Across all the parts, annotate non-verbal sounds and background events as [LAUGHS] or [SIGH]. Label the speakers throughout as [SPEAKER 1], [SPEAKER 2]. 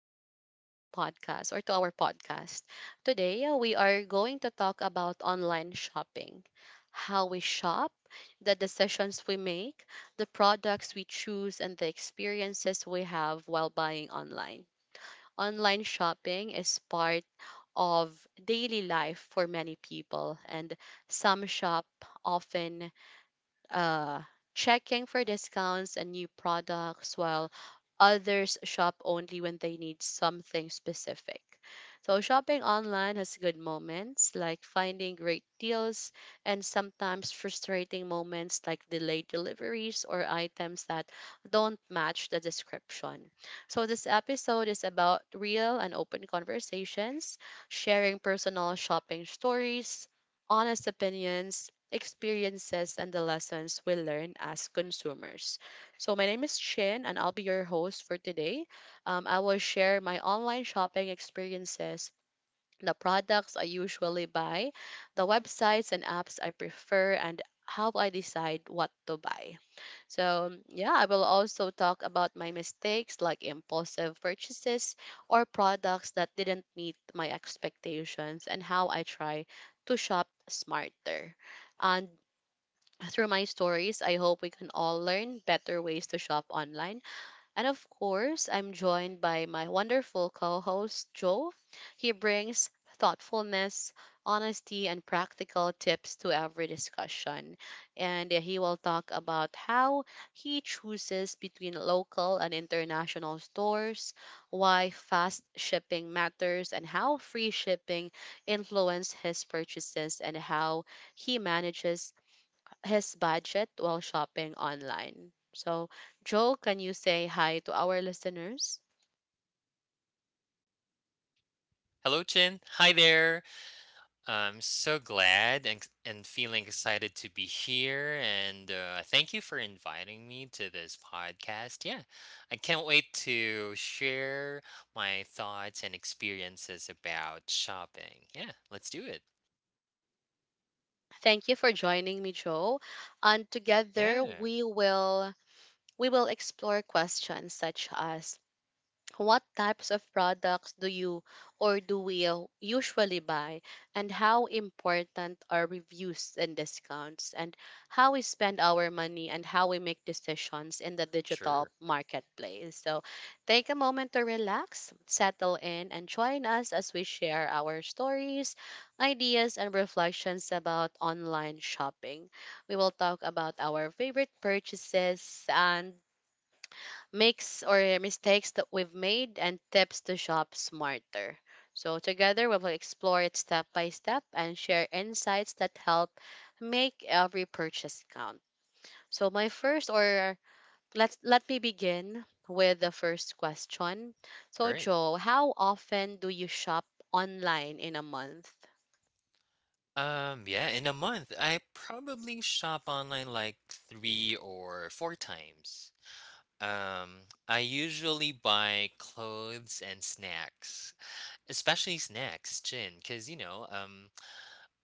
[SPEAKER 1] back to my podcast or to our podcast. Today, we are going to talk about online shopping, how we shop, the decisions we make, the products we choose, and the experiences we have while buying online. Online shopping is part of daily life for many people, and some shop often, uh, checking for discounts and new products while others shop only when they need something specific. So, shopping online has good moments like finding great deals and sometimes frustrating moments like delayed deliveries or items that don't match the description. So, this episode is about real and open conversations, sharing personal shopping stories, honest opinions, experiences, and the lessons we learn as consumers. So, my name is Chin, and I'll be your host for today. I will share my online shopping experiences. The products I usually buy, the websites and apps I prefer, and how I decide what to buy. So, yeah, I will also talk about my mistakes like impulsive purchases or products that didn't meet my expectations and how I try to shop smarter. And through my stories, I hope we can all learn better ways to shop online. And of course, I'm joined by my wonderful co host, Joe. He brings thoughtfulness, honesty, and practical tips to every discussion. And he will talk about how he chooses between local and international stores, why fast shipping matters, and how free shipping influenced his purchases, and how he manages his budget while shopping online. So, Joe, can you say hi to our listeners?
[SPEAKER 2] Hello, Chin. Hi there. I'm so glad and feeling excited to be here. And thank you for inviting me to this podcast. Yeah, I can't wait to share my thoughts and experiences about shopping. Yeah, let's do it.
[SPEAKER 1] Thank you for joining me, Joe. And together
[SPEAKER 2] Yeah,
[SPEAKER 1] we will explore questions such as: what types of products do you or do we usually buy? And how important are reviews and discounts? And how we spend our money and how we make decisions in the digital
[SPEAKER 2] sure.
[SPEAKER 1] marketplace? So take a moment to relax, settle in, and join us as we share our stories, ideas, and reflections about online shopping. We will talk about our favorite purchases and makes or mistakes that we've made and tips to shop smarter. So, together we will explore it step by step and share insights that help make every purchase count. So, my first or let me begin with the first question. So,
[SPEAKER 2] Right.
[SPEAKER 1] Joe, how often do you shop online in a month?
[SPEAKER 2] Yeah, in a month, I probably shop online like three or four times. I usually buy clothes and snacks. Especially snacks, Jin, because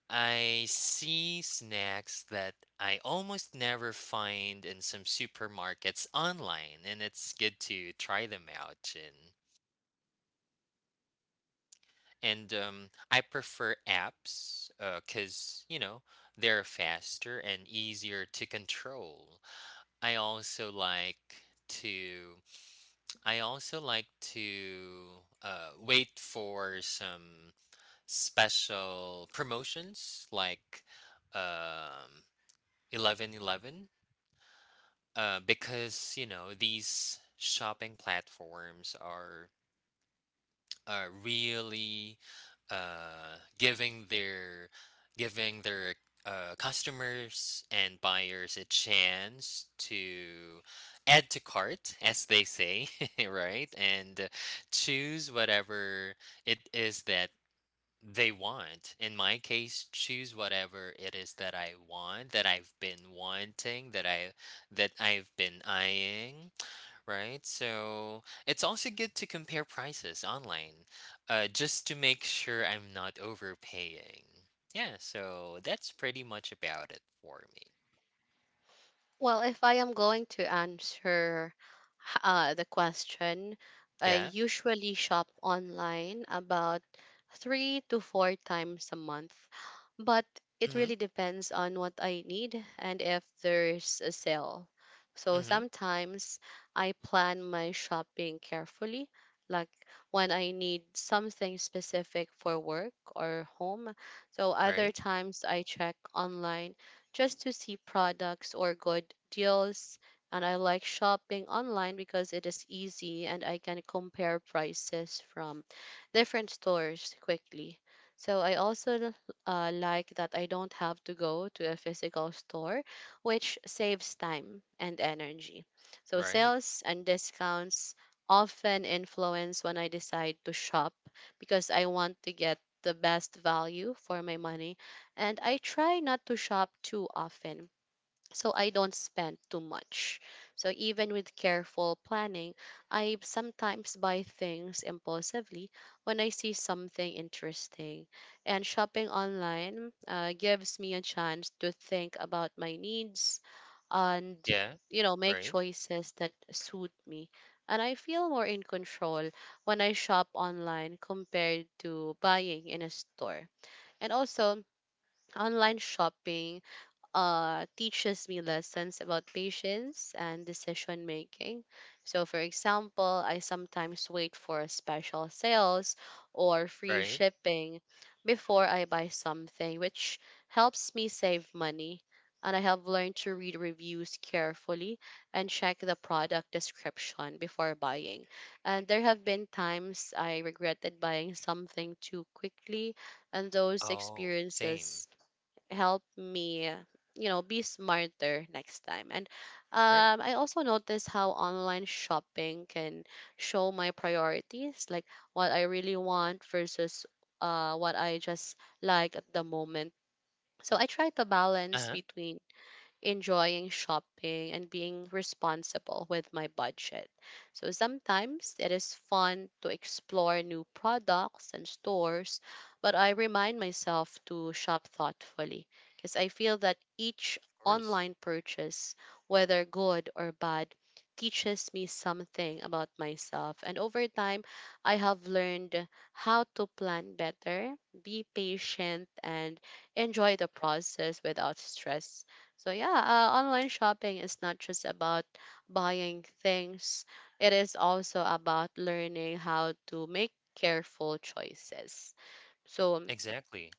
[SPEAKER 2] I see snacks that I almost never find in some supermarkets online, and it's good to try them out, Chin. And I prefer apps because, they're faster and easier to control. I also like to I also like to wait for some special promotions like um 1111 because these shopping platforms are really uh, giving their giving their customers and buyers a chance to add to cart, as they say, [LAUGHS] right, and choose whatever it is that they want. In my case, choose whatever it is that I want, that I've been wanting, that I've been eyeing, right? So it's also good to compare prices online, just to make sure I'm not overpaying. Yeah, so that's pretty much about it for me.
[SPEAKER 1] Well, if I am going to answer the question, I
[SPEAKER 2] Yeah.
[SPEAKER 1] usually shop online about three to four times a month, but it
[SPEAKER 2] Mm-hmm.
[SPEAKER 1] really depends on what I need and if there's a sale. So
[SPEAKER 2] Mm-hmm.
[SPEAKER 1] sometimes I plan my shopping carefully, like when I need something specific for work or home. So other
[SPEAKER 2] Right.
[SPEAKER 1] times I check online just to see products or good deals. And I like shopping online because it is easy and I can compare prices from different stores quickly. So I also like that I don't have to go to a physical store, which saves time and energy. So,
[SPEAKER 2] Right.
[SPEAKER 1] sales and discounts often influence when I decide to shop because I want to get the best value for my money, and I try not to shop too often so I don't spend too much. So even with careful planning, I sometimes buy things impulsively when I see something interesting. And shopping online gives me a chance to think about my needs and,
[SPEAKER 2] Yeah.
[SPEAKER 1] you know, make
[SPEAKER 2] Right.
[SPEAKER 1] choices that suit me. And I feel more in control when I shop online compared to buying in a store. And also, online shopping teaches me lessons about patience and decision making. So, for example, I sometimes wait for special sales or free
[SPEAKER 2] Right.
[SPEAKER 1] shipping before I buy something, which helps me save money. And I have learned to read reviews carefully and check the product description before buying. And there have been times I regretted buying something too quickly, and those
[SPEAKER 2] Oh, same.
[SPEAKER 1] experiences help me, you know, be smarter next time. And
[SPEAKER 2] Right.
[SPEAKER 1] I also noticed how online shopping can show my priorities, like what I really want versus what I just like at the moment. So I try to balance
[SPEAKER 2] Uh-huh.
[SPEAKER 1] between enjoying shopping and being responsible with my budget. So sometimes it is fun to explore new products and stores, but I remind myself to shop thoughtfully because I feel that each
[SPEAKER 2] Of course.
[SPEAKER 1] online purchase, whether good or bad, teaches me something about myself. And over time, I have learned how to plan better, be patient, and enjoy the process without stress. So yeah, online shopping is not just about buying things. It is also about learning how to make careful choices. So
[SPEAKER 2] Exactly.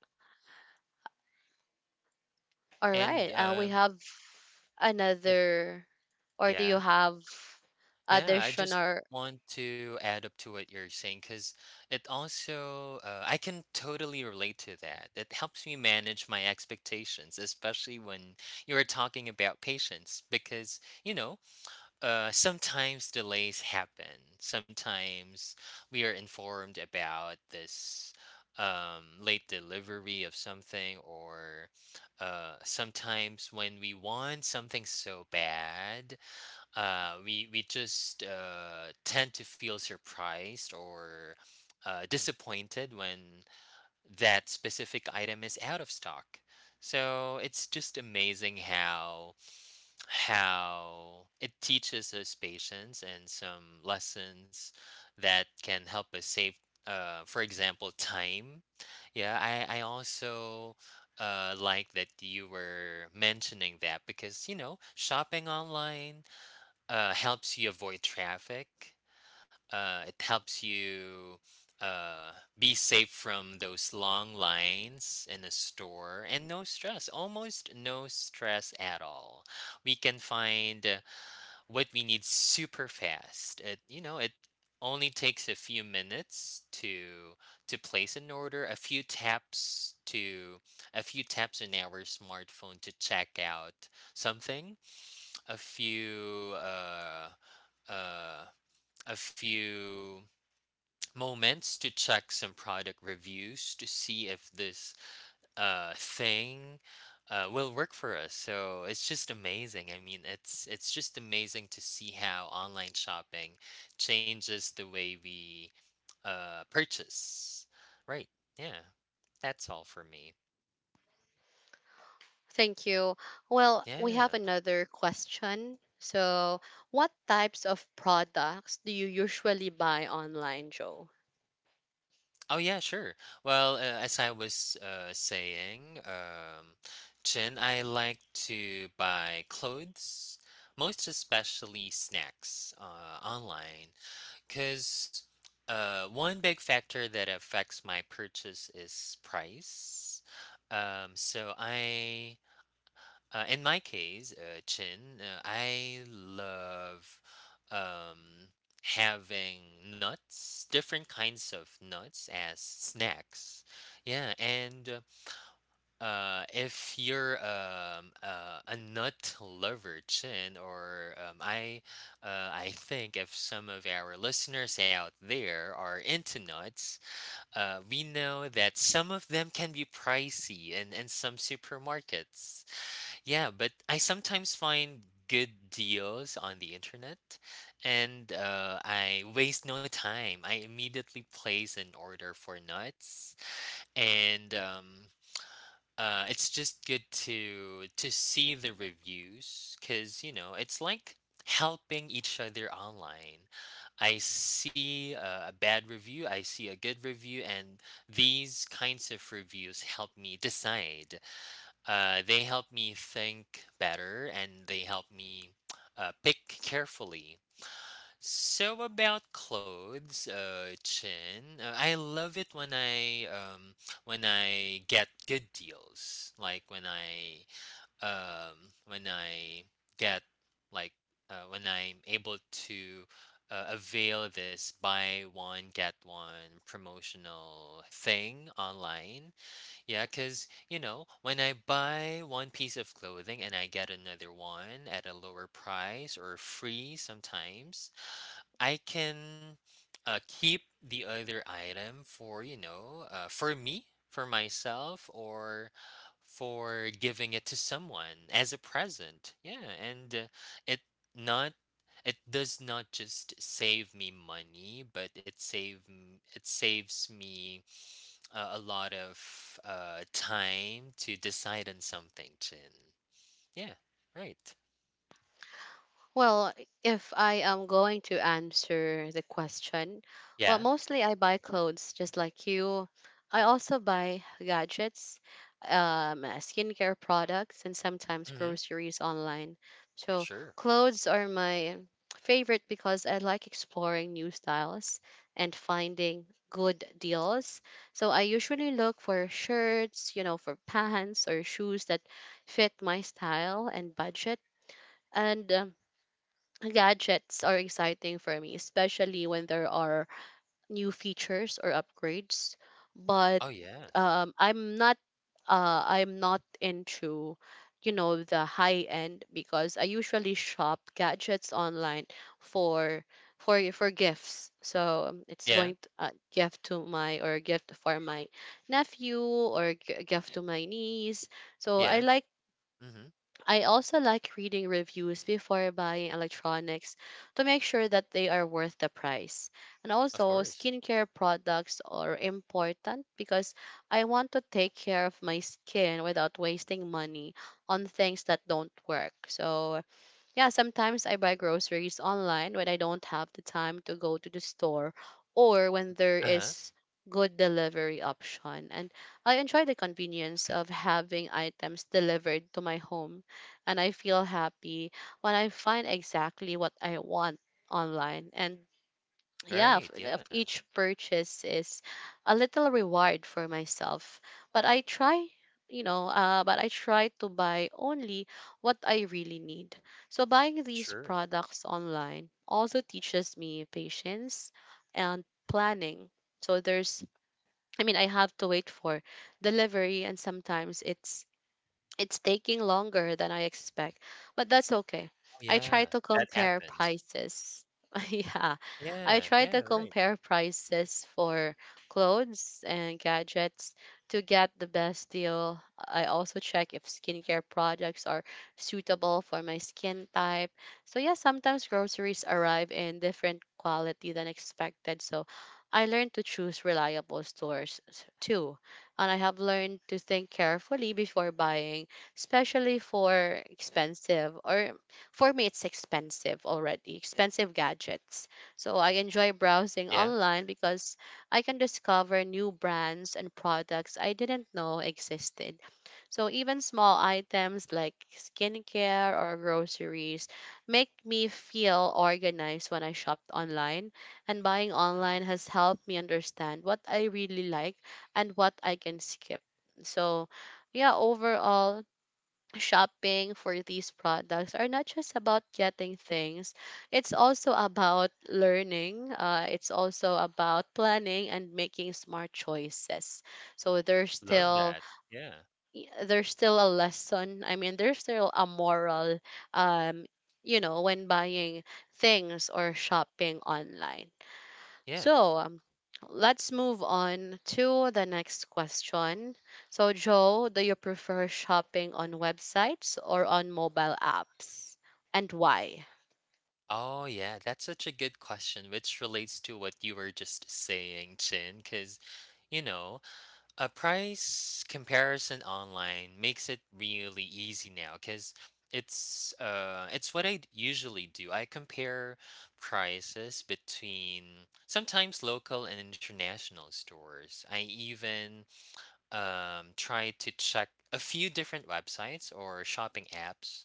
[SPEAKER 1] all right,
[SPEAKER 2] And
[SPEAKER 1] we
[SPEAKER 2] uh.
[SPEAKER 1] have
[SPEAKER 2] It
[SPEAKER 1] another, or do you
[SPEAKER 2] yeah.
[SPEAKER 1] have
[SPEAKER 2] Yeah, I just
[SPEAKER 1] additional?
[SPEAKER 2] want to add up to what you're saying because it also, I can totally relate to that. It helps me manage my expectations, especially when you were talking about patience, because, sometimes delays happen. Sometimes we are informed about this late delivery of something, or sometimes when we want something so bad we just tend to feel surprised or disappointed when that specific item is out of stock. So it's just amazing how it teaches us patience and some lessons that can help us save, for example, time. Yeah, I also like that you were mentioning that because shopping online helps you avoid traffic. It helps you uh, be safe from those long lines in a store, and no stress, almost no stress at all. We can find what we need super fast. It, it only takes a few minutes to place an order, a few taps to a few taps on our smartphone to check out something, a few uh uh, a few moments to check some product reviews to see if this thing will work for us. So it's just amazing. I mean, it's just amazing to see how online shopping changes the way we purchase. Right. Yeah. That's all for me.
[SPEAKER 1] Thank you. Well, we have
[SPEAKER 2] Yeah.
[SPEAKER 1] another question. So, what types of products do you usually buy online, Joe?
[SPEAKER 2] Oh yeah, sure. Well, as I was saying, Chin, I like to buy clothes, most especially snacks online, because one big factor that affects my purchase is price. So I in my case, Chin, I love um, having nuts, different kinds of nuts as snacks. Yeah, and if you're a nut lover, Chin, or I think if some of our listeners out there are into nuts, we know that some of them can be pricey in some supermarkets. Yeah, but I sometimes find good deals on the internet, and I waste no time. I immediately place an order for nuts, and it's just good to see the reviews because it's like helping each other online. I see a bad review, I see a good review, and these kinds of reviews help me decide. They help me think better, and they help me pick carefully. So about clothes, Chin, I love it when I get good deals, like when I get, like, when I'm able to avail this buy one get one promotional thing online, yeah, because, when I buy one piece of clothing and I get another one at a lower price or free sometimes, I can keep the other item for, for me, for myself, or for giving it to someone as a present. Yeah, and it not it does not just save me money, but it saves me a lot of time to decide on something, Chin. Yeah, right.
[SPEAKER 1] Well, if I am going to answer the question, well,
[SPEAKER 2] Yeah.
[SPEAKER 1] mostly I buy clothes just like you. I also buy gadgets, skincare products, and sometimes
[SPEAKER 2] Mm-hmm.
[SPEAKER 1] groceries online. So,
[SPEAKER 2] Sure.
[SPEAKER 1] clothes are my favorite because I like exploring new styles and finding good deals. So, I usually look for shirts, you know, for pants or shoes that fit my style and budget. And, gadgets are exciting for me, especially when there are new features or upgrades. But
[SPEAKER 2] Oh yeah.
[SPEAKER 1] um, I'm not I'm not into, you know, the high end because I usually shop gadgets online for for gifts. So it's going
[SPEAKER 2] Yeah.
[SPEAKER 1] to gift for my nephew or gift to my niece. So I
[SPEAKER 2] Yeah.
[SPEAKER 1] like,
[SPEAKER 2] Mm-hmm.
[SPEAKER 1] I also like reading reviews before buying electronics to make sure that they are worth the price. And
[SPEAKER 2] Of
[SPEAKER 1] also,
[SPEAKER 2] course.
[SPEAKER 1] skincare products are important because I want to take care of my skin without wasting money on things that don't work. So, yeah, sometimes I buy groceries online when I don't have the time to go to the store or when there
[SPEAKER 2] Uh-huh.
[SPEAKER 1] is good delivery option. And I enjoy the convenience of having items delivered to my home, and I feel happy when I find exactly what I want online. And yeah,
[SPEAKER 2] Right.
[SPEAKER 1] of
[SPEAKER 2] Yeah.
[SPEAKER 1] each purchase is a little reward for myself, but I try, you know but I try to buy only what I really need. So buying these
[SPEAKER 2] Sure.
[SPEAKER 1] products online also teaches me patience and planning. So there's, I mean, I have to wait for delivery and sometimes it's taking longer than I expect, but that's okay.
[SPEAKER 2] Oh
[SPEAKER 1] I try
[SPEAKER 2] yeah.
[SPEAKER 1] to
[SPEAKER 2] That
[SPEAKER 1] compare
[SPEAKER 2] happens.
[SPEAKER 1] prices. [LAUGHS] Yeah, I
[SPEAKER 2] Yeah.
[SPEAKER 1] try
[SPEAKER 2] Yeah.
[SPEAKER 1] to
[SPEAKER 2] Right.
[SPEAKER 1] compare prices for clothes and gadgets to get the best deal. I also check if skincare products are suitable for my skin type. So, yeah, sometimes groceries arrive in different quality than expected. So, I learned to choose reliable stores too. And I have learned to think carefully before buying, especially for expensive, or for me it's expensive, already expensive gadgets. So I enjoy browsing
[SPEAKER 2] Yeah.
[SPEAKER 1] online because I can discover new brands and products I didn't know existed. So even small items like skincare or groceries make me feel organized when I shopped online, and buying
[SPEAKER 2] Mhm.
[SPEAKER 1] online has helped me understand what I really like and what I can skip. So, yeah, overall, shopping for these products are not just about getting things. It's also about learning, it's also about planning and making smart choices. So there's
[SPEAKER 2] Love
[SPEAKER 1] still,
[SPEAKER 2] that. Yeah.
[SPEAKER 1] there's still a lesson, I mean there's still a moral, um you know, when buying things or shopping online.
[SPEAKER 2] Yeah.
[SPEAKER 1] So let's move on to the next question. So, Joe, do you prefer shopping on websites or on mobile apps? And why?
[SPEAKER 2] Oh yeah, that's such a good question, which relates to what you were just saying, Chin, because you know, a price comparison online makes it really easy now because it's what usually do. I compare prices between sometimes local and international stores. I even try to check a few different websites or shopping apps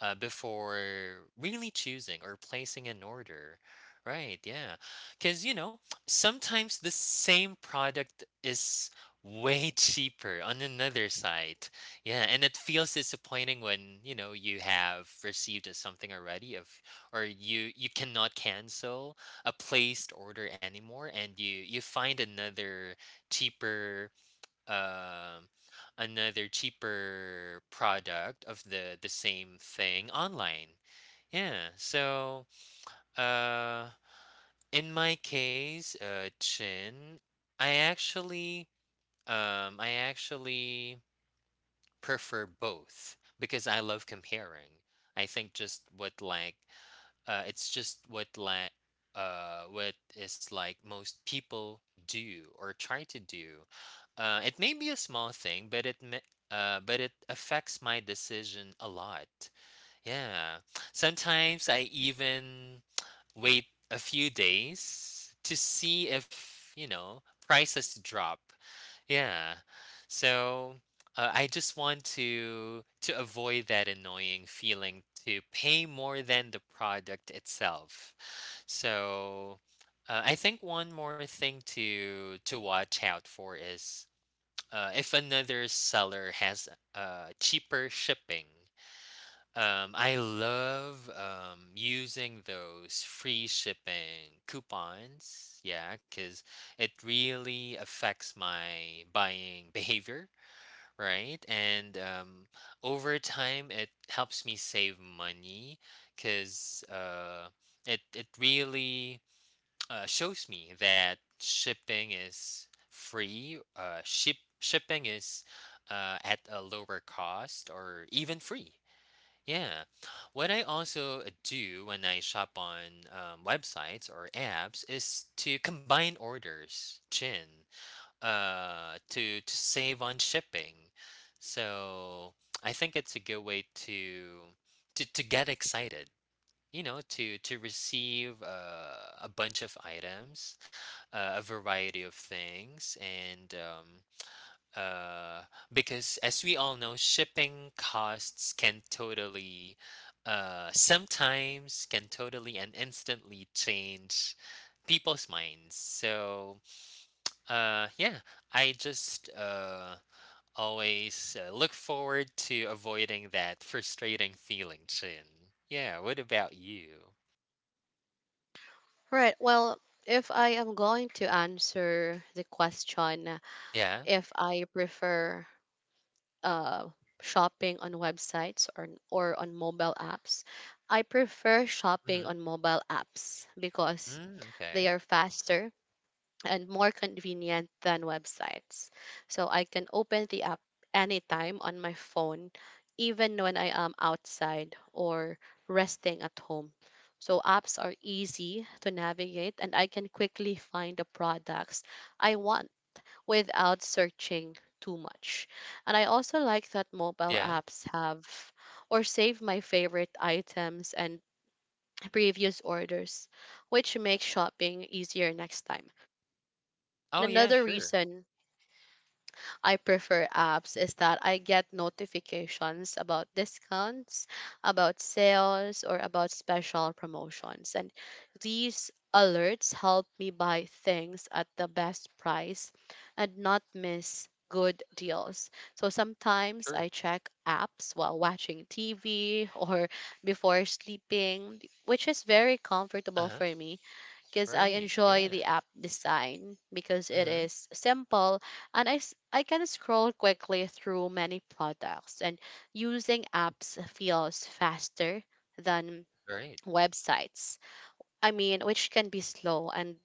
[SPEAKER 2] before really choosing or placing an order. Right, yeah. Because, sometimes the same product is way [LAUGHS] cheaper on another site. Yeah, and it feels disappointing when, you have received a something already, of or you cannot cancel a placed order anymore, and you find cheaper um another cheaper product of the same thing online. Yeah. So, uh in my case, Chin, I actually I actually prefer both because I love comparing. I think just what like it's just what is like most people do or try to do. It may be a small thing, but but it affects my decision a lot. Yeah, sometimes I even wait a few days to see if, prices drop, yeah. So, I just want to avoid that annoying feeling to pay more than the product itself. So, I think one more thing to watch out for is if another seller has cheaper shipping. I love using those free shipping coupons, yeah, because it really affects my buying [LAUGHS] behavior, right? And over time, it helps me save money because it really [TSK] shows me that shipping is free. Shipping is at a lower cost or even free, yeah. What I also do when I shop on websites or apps is to combine orders, Chin, to save on shipping. So I think it's a good way to get excited. You know, to receive a bunch of items, a variety of things, and uh, because, as we all know, shipping costs can totally, sometimes can totally and instantly change people's minds. So, yeah, I just always look forward to avoiding that frustrating feeling, Chin. Yeah, what about you?
[SPEAKER 1] Right. Well, if I am going to answer the question,
[SPEAKER 2] Yeah.
[SPEAKER 1] if I prefer uh, shopping on websites, or on mobile apps, I prefer shopping
[SPEAKER 2] Mm-hmm.
[SPEAKER 1] on mobile apps because
[SPEAKER 2] Mm,
[SPEAKER 1] they
[SPEAKER 2] okay.
[SPEAKER 1] are faster and more convenient than websites. So I can open the app anytime on my phone, even when I am outside or resting at home. So apps are easy to navigate and I can quickly find the products I want without searching too much. And I also like that mobile
[SPEAKER 2] Yeah.
[SPEAKER 1] apps have or save my favorite items and previous orders, which makes shopping easier next time. And
[SPEAKER 2] Oh, yeah,
[SPEAKER 1] another
[SPEAKER 2] sure.
[SPEAKER 1] reason I prefer apps is that I get notifications about discounts, about sales, or about special promotions. And these alerts help me buy things at the best price and not miss good deals. So sometimes I
[SPEAKER 2] Sure.
[SPEAKER 1] check apps while watching TV [LAUGHS] or before sleeping, which is very comfortable
[SPEAKER 2] Uh-huh.
[SPEAKER 1] for me because I
[SPEAKER 2] Right.
[SPEAKER 1] enjoy the
[SPEAKER 2] Yeah.
[SPEAKER 1] app design because it
[SPEAKER 2] Mm-hmm.
[SPEAKER 1] is simple, and I, I can scroll quickly through many products, and using apps feels faster than
[SPEAKER 2] Right.
[SPEAKER 1] websites. I mean, which can be slow and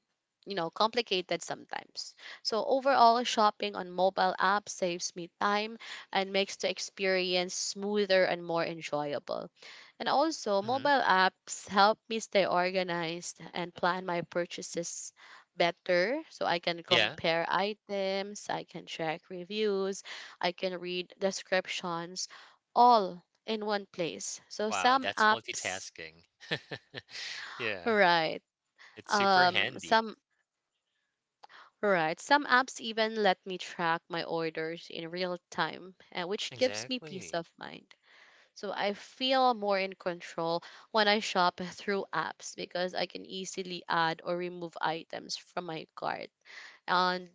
[SPEAKER 1] complicated sometimes, so overall shopping on mobile apps saves me time and makes the experience smoother and more enjoyable. And also
[SPEAKER 2] Mm-hmm.
[SPEAKER 1] mobile apps help me stay organized and plan my purchases better, so I can
[SPEAKER 2] Yeah.
[SPEAKER 1] compare items, I can check reviews, I can read descriptions, all in one place. So
[SPEAKER 2] Wow,
[SPEAKER 1] some
[SPEAKER 2] that's
[SPEAKER 1] apps,
[SPEAKER 2] multitasking. [LAUGHS] Yeah,
[SPEAKER 1] right.
[SPEAKER 2] it's super handy.
[SPEAKER 1] Some right. Some apps even let me track my orders in real time, which gives me peace
[SPEAKER 2] Exactly.
[SPEAKER 1] of mind. So I feel more in control when I shop through apps because I can easily add or remove items from my cart. And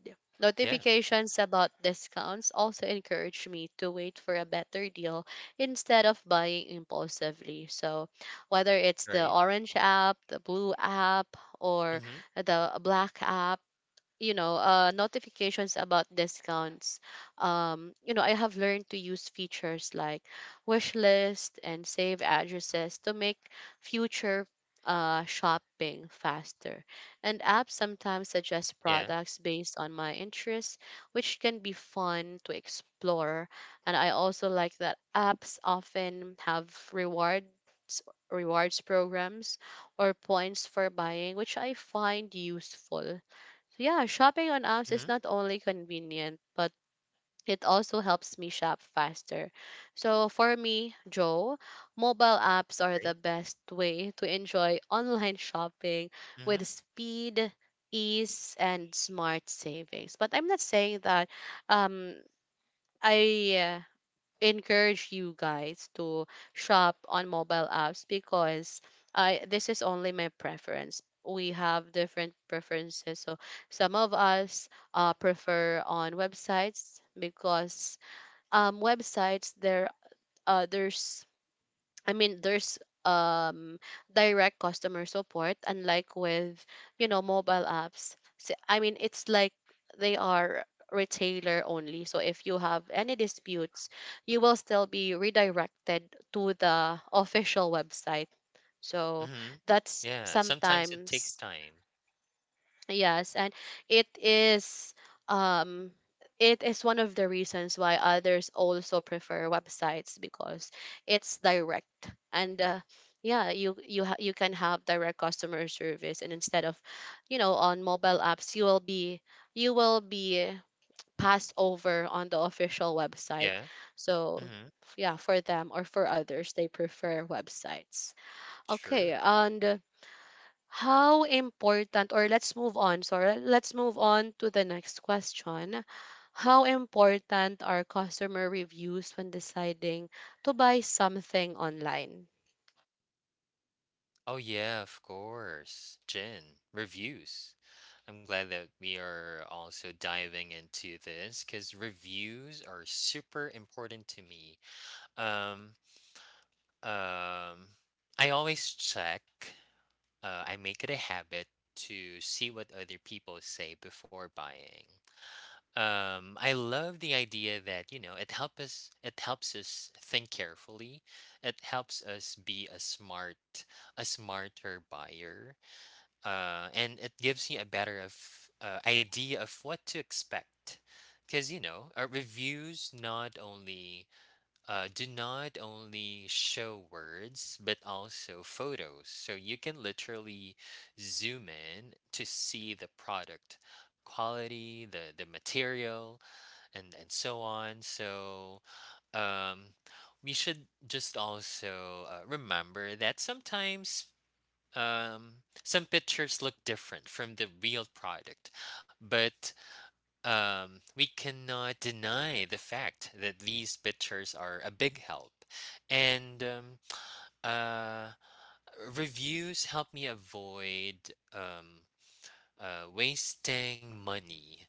[SPEAKER 2] Yeah,
[SPEAKER 1] notifications about discounts also encourage me to wait for a better deal instead of buying impulsively. So whether it's the
[SPEAKER 2] right?
[SPEAKER 1] orange app, the blue app, or
[SPEAKER 2] Mhm.
[SPEAKER 1] the black app, notifications about discounts, I have learned to use features like wish list and save addresses to make future shopping faster. And apps sometimes suggest
[SPEAKER 2] Yeah.
[SPEAKER 1] products based on my interests, which can be fun to explore. And I also like that apps often have rewards rewards programs or points for buying, which I find useful. So, yeah, shopping on apps
[SPEAKER 2] Mhm.
[SPEAKER 1] is not only convenient, but it also helps me shop faster. So for me, Joe, mobile apps are
[SPEAKER 2] Right.
[SPEAKER 1] the best way to enjoy [LAUGHS] online shopping with
[SPEAKER 2] Mhm.
[SPEAKER 1] speed, ease, and smart savings. But I'm not saying that um I encourage you guys to shop on mobile apps, because I, this is only my preference. We have different preferences. So some of us prefer on websites because websites there, uh, there's there's um direct customer support, unlike with mobile apps. So, I mean, it's like they are retailer only. So if you have any disputes, you will still be redirected to the official website. So
[SPEAKER 2] Mhm.
[SPEAKER 1] that's
[SPEAKER 2] Yeah, sometimes it takes
[SPEAKER 1] sometimes.
[SPEAKER 2] time.
[SPEAKER 1] Yes, and it is, um it is one of the reasons why others also prefer websites, because it's direct and, yeah, you can have direct customer service, and instead of on mobile apps, you will be, you will be passed over on the official website.
[SPEAKER 2] Yeah.
[SPEAKER 1] So
[SPEAKER 2] Mhm.
[SPEAKER 1] yeah, for them or for others, they prefer websites. Okay.
[SPEAKER 2] Sure.
[SPEAKER 1] And how important, or let's move on, sorry, let's move on to the next question. How important are customer reviews when deciding to buy something online?
[SPEAKER 2] Oh, yeah, of course. Jen, reviews. I'm glad that we are also diving into this because reviews are super important to me. Um, um, I always check. I make it a habit to see what other people say before buying. I love the idea that, it helps us. It helps us think carefully. It helps us be a smarter buyer, and it gives you a better of idea of what to expect. Because, reviews not only do not only show words but also photos. So you can literally zoom in to see the product quality, the material, and so on. So um, we should just also remember that sometimes some pictures look different from the real product, but we cannot deny the fact that these pictures are a big help. And uh, reviews help me avoid wasting money.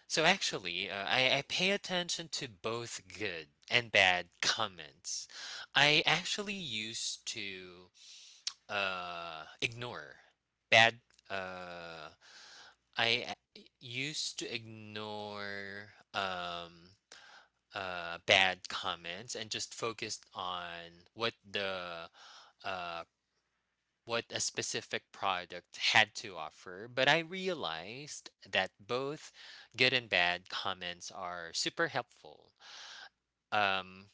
[SPEAKER 2] So actually, I pay attention to both good and bad comments. I actually used to ignore bad. Uh, I Used to ignore bad comments and just focused on what the uh, what a specific product had to offer. But I realized that both good and bad comments are super helpful. Um,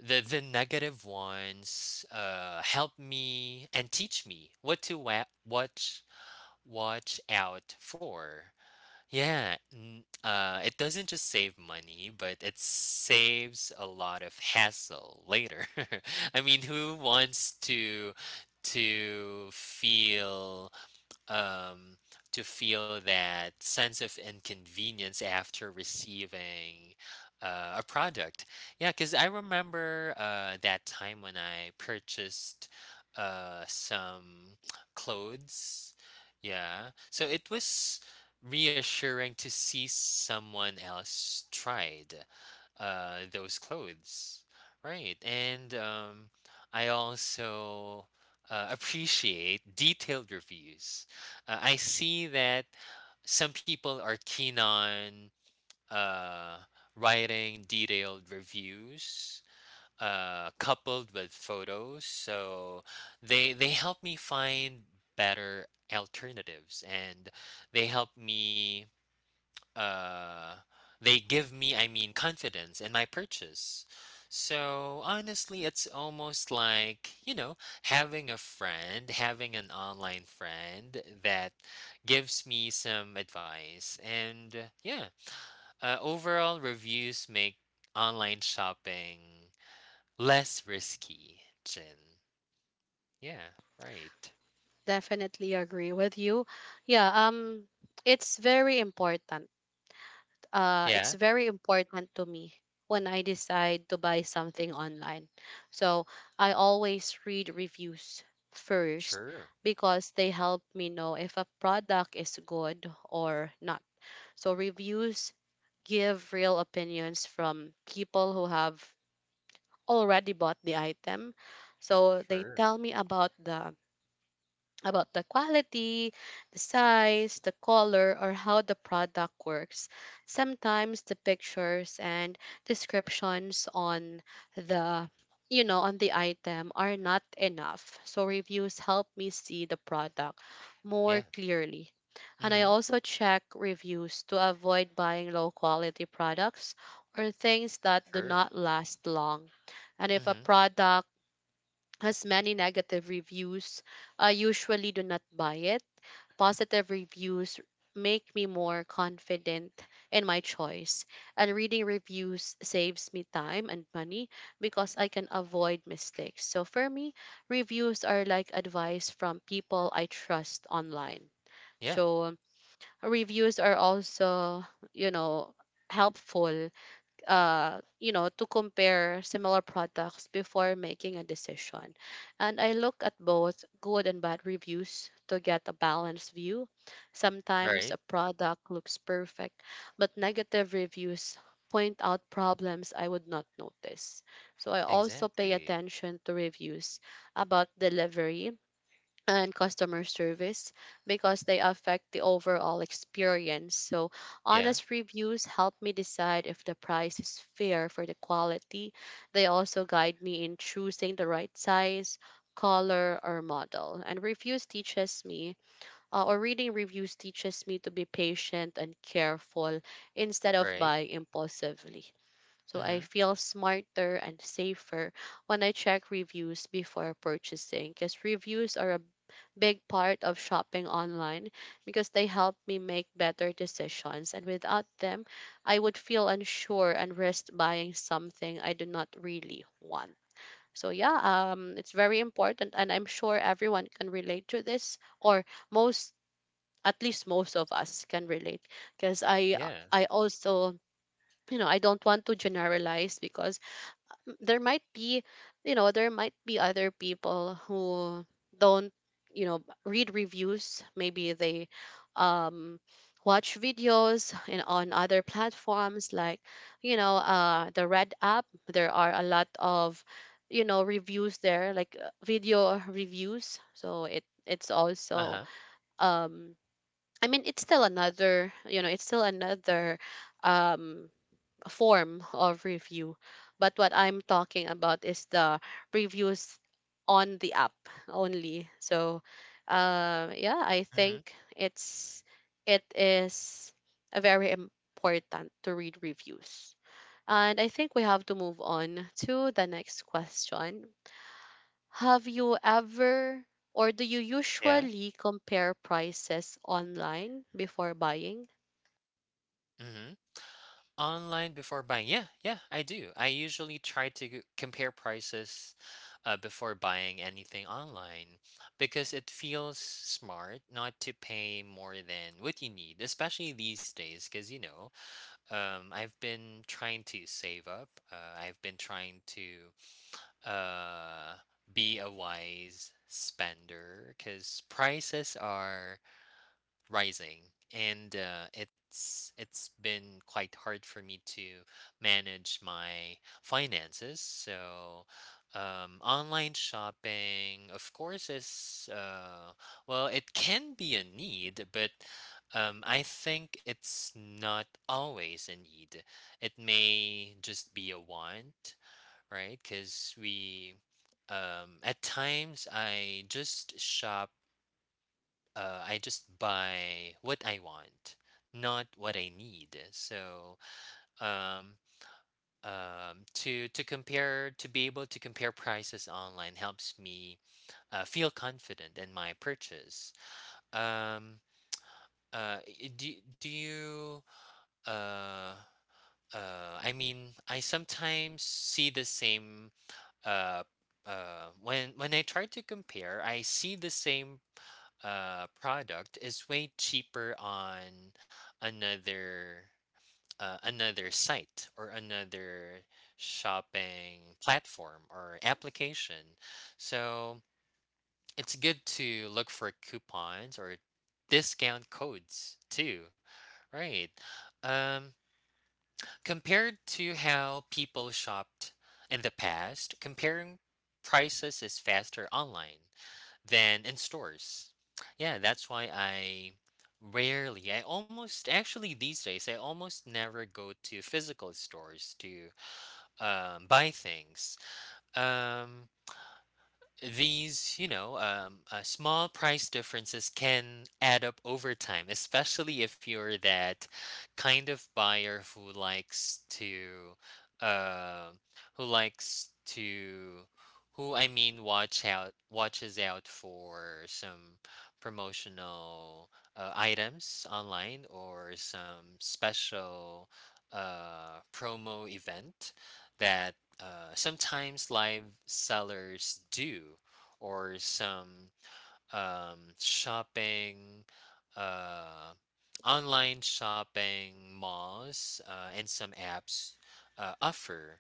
[SPEAKER 2] the negative ones help me and teach me what to watch out for. Yeah, it doesn't just save money, but it saves a lot of hassle later. [LAUGHS] I mean, who wants to to feel um, to feel that sense of inconvenience after receiving a product. Yeah, because I remember that time when I purchased some clothes. Yeah, so it was reassuring to see someone else tried those clothes. Right, and I also appreciate detailed reviews. I see that some people are keen on uh, writing detailed reviews coupled with photos. So they help me find better alternatives, and they help me, uh, they give me, confidence in my purchase. So honestly, it's almost like, having a friend, having an online friend that gives me some advice. Overall, reviews make online shopping less risky, Jin. Yeah, right.
[SPEAKER 1] Definitely agree with you. Yeah, it's very important, it's
[SPEAKER 2] Yeah,
[SPEAKER 1] very important to me when I decide to buy something online. So I always read reviews first
[SPEAKER 2] sure.
[SPEAKER 1] because they help me know if a product is good or not. So reviews give real opinions from people who have already bought the item. So they
[SPEAKER 2] Sure.
[SPEAKER 1] tell me about the, about the quality, the size, the color, or how the product works. Sometimes the pictures and descriptions on the, on the item are not enough. So reviews help me see the product more
[SPEAKER 2] Yeah.
[SPEAKER 1] clearly. And I
[SPEAKER 2] Mm-hmm.
[SPEAKER 1] also check reviews to avoid buying low quality products or things that do
[SPEAKER 2] Sure.
[SPEAKER 1] not last long. And if a
[SPEAKER 2] Mm-hmm.
[SPEAKER 1] product as many negative reviews, I usually do not buy it. Positive reviews make me more confident in my choice, and reading reviews saves me time and money because I can avoid mistakes. So for me, reviews are like advice from people I trust online.
[SPEAKER 2] Yeah,
[SPEAKER 1] So reviews are also, you know, helpful, you know, to compare similar products before making a decision. And I look at both good and bad reviews to get a balanced view. Sometimes a
[SPEAKER 2] right.
[SPEAKER 1] product looks perfect, but negative reviews point out problems I would not notice. So I also pay
[SPEAKER 2] Exactly.
[SPEAKER 1] attention to reviews about delivery and customer service because they affect the overall experience. So,
[SPEAKER 2] Yeah,
[SPEAKER 1] honest reviews help me decide if the price is fair for the quality. They also guide me in choosing the right size, color, or model. And reviews teaches me, or reading reviews teaches me to be patient and careful instead of
[SPEAKER 2] right.
[SPEAKER 1] buying impulsively. So, I
[SPEAKER 2] Mhm.
[SPEAKER 1] feel smarter and safer when I check reviews before purchasing, because reviews are a big part of shopping online because they help me make better decisions. And without them, I would feel unsure and risk buying something I do not really want. So yeah, it's very important, and I'm sure everyone can relate to this, or most, at least most of us can relate, because
[SPEAKER 2] Yeah.
[SPEAKER 1] I also, you know, I don't want to generalize because there might be, there might be other people who don't, read reviews. Maybe they um watch videos in, on other platforms like, the red app. There are a lot of, reviews there, like, video reviews, so it, it's also
[SPEAKER 2] Uh-huh.
[SPEAKER 1] um I mean, it's still another, it's still another um form of review. But what I'm talking about is the reviews on the app only. So, yeah, I
[SPEAKER 2] Mhm.
[SPEAKER 1] think it's, it is a very important to read reviews. And I think we have to move on to the next question. Have you ever or do you
[SPEAKER 2] Yeah.
[SPEAKER 1] usually compare prices online before buying?
[SPEAKER 2] Mhm. Online before buying. Yeah, yeah, I do. I usually try to compare prices before buying anything online because it feels smart not to pay more than what you need, especially these days because I've been trying to save up. I've been trying to uh be a wise spender because prices are rising, and it's been quite hard for me to manage my finances. So online shopping, of course, is well, it can be a need, but I think it's not always a need. It may just be a want, right? Because we, at times I just shop, I just buy what I want, not what I need. So, um, to compare to be able to compare prices online helps me feel confident in my purchase. Um, I- do do you uh, I sometimes see the same, uh, when I try to compare, I see the same product is way cheaper on another, another site or another shopping platform or application. So it's good to look for coupons or discount codes too, right? um Compared to how people shopped in the past, comparing prices is faster online than in stores. Yeah, that's why I rarely, I almost, actually these days, I almost never go to physical stores to buy things. Um, Small price differences can add up over time, especially if you're that kind of buyer who likes to, uh, who likes to, who watches out for some promotional items online or some special promo event that sometimes live sellers do, or some shopping, uh, online shopping malls, and some apps offer.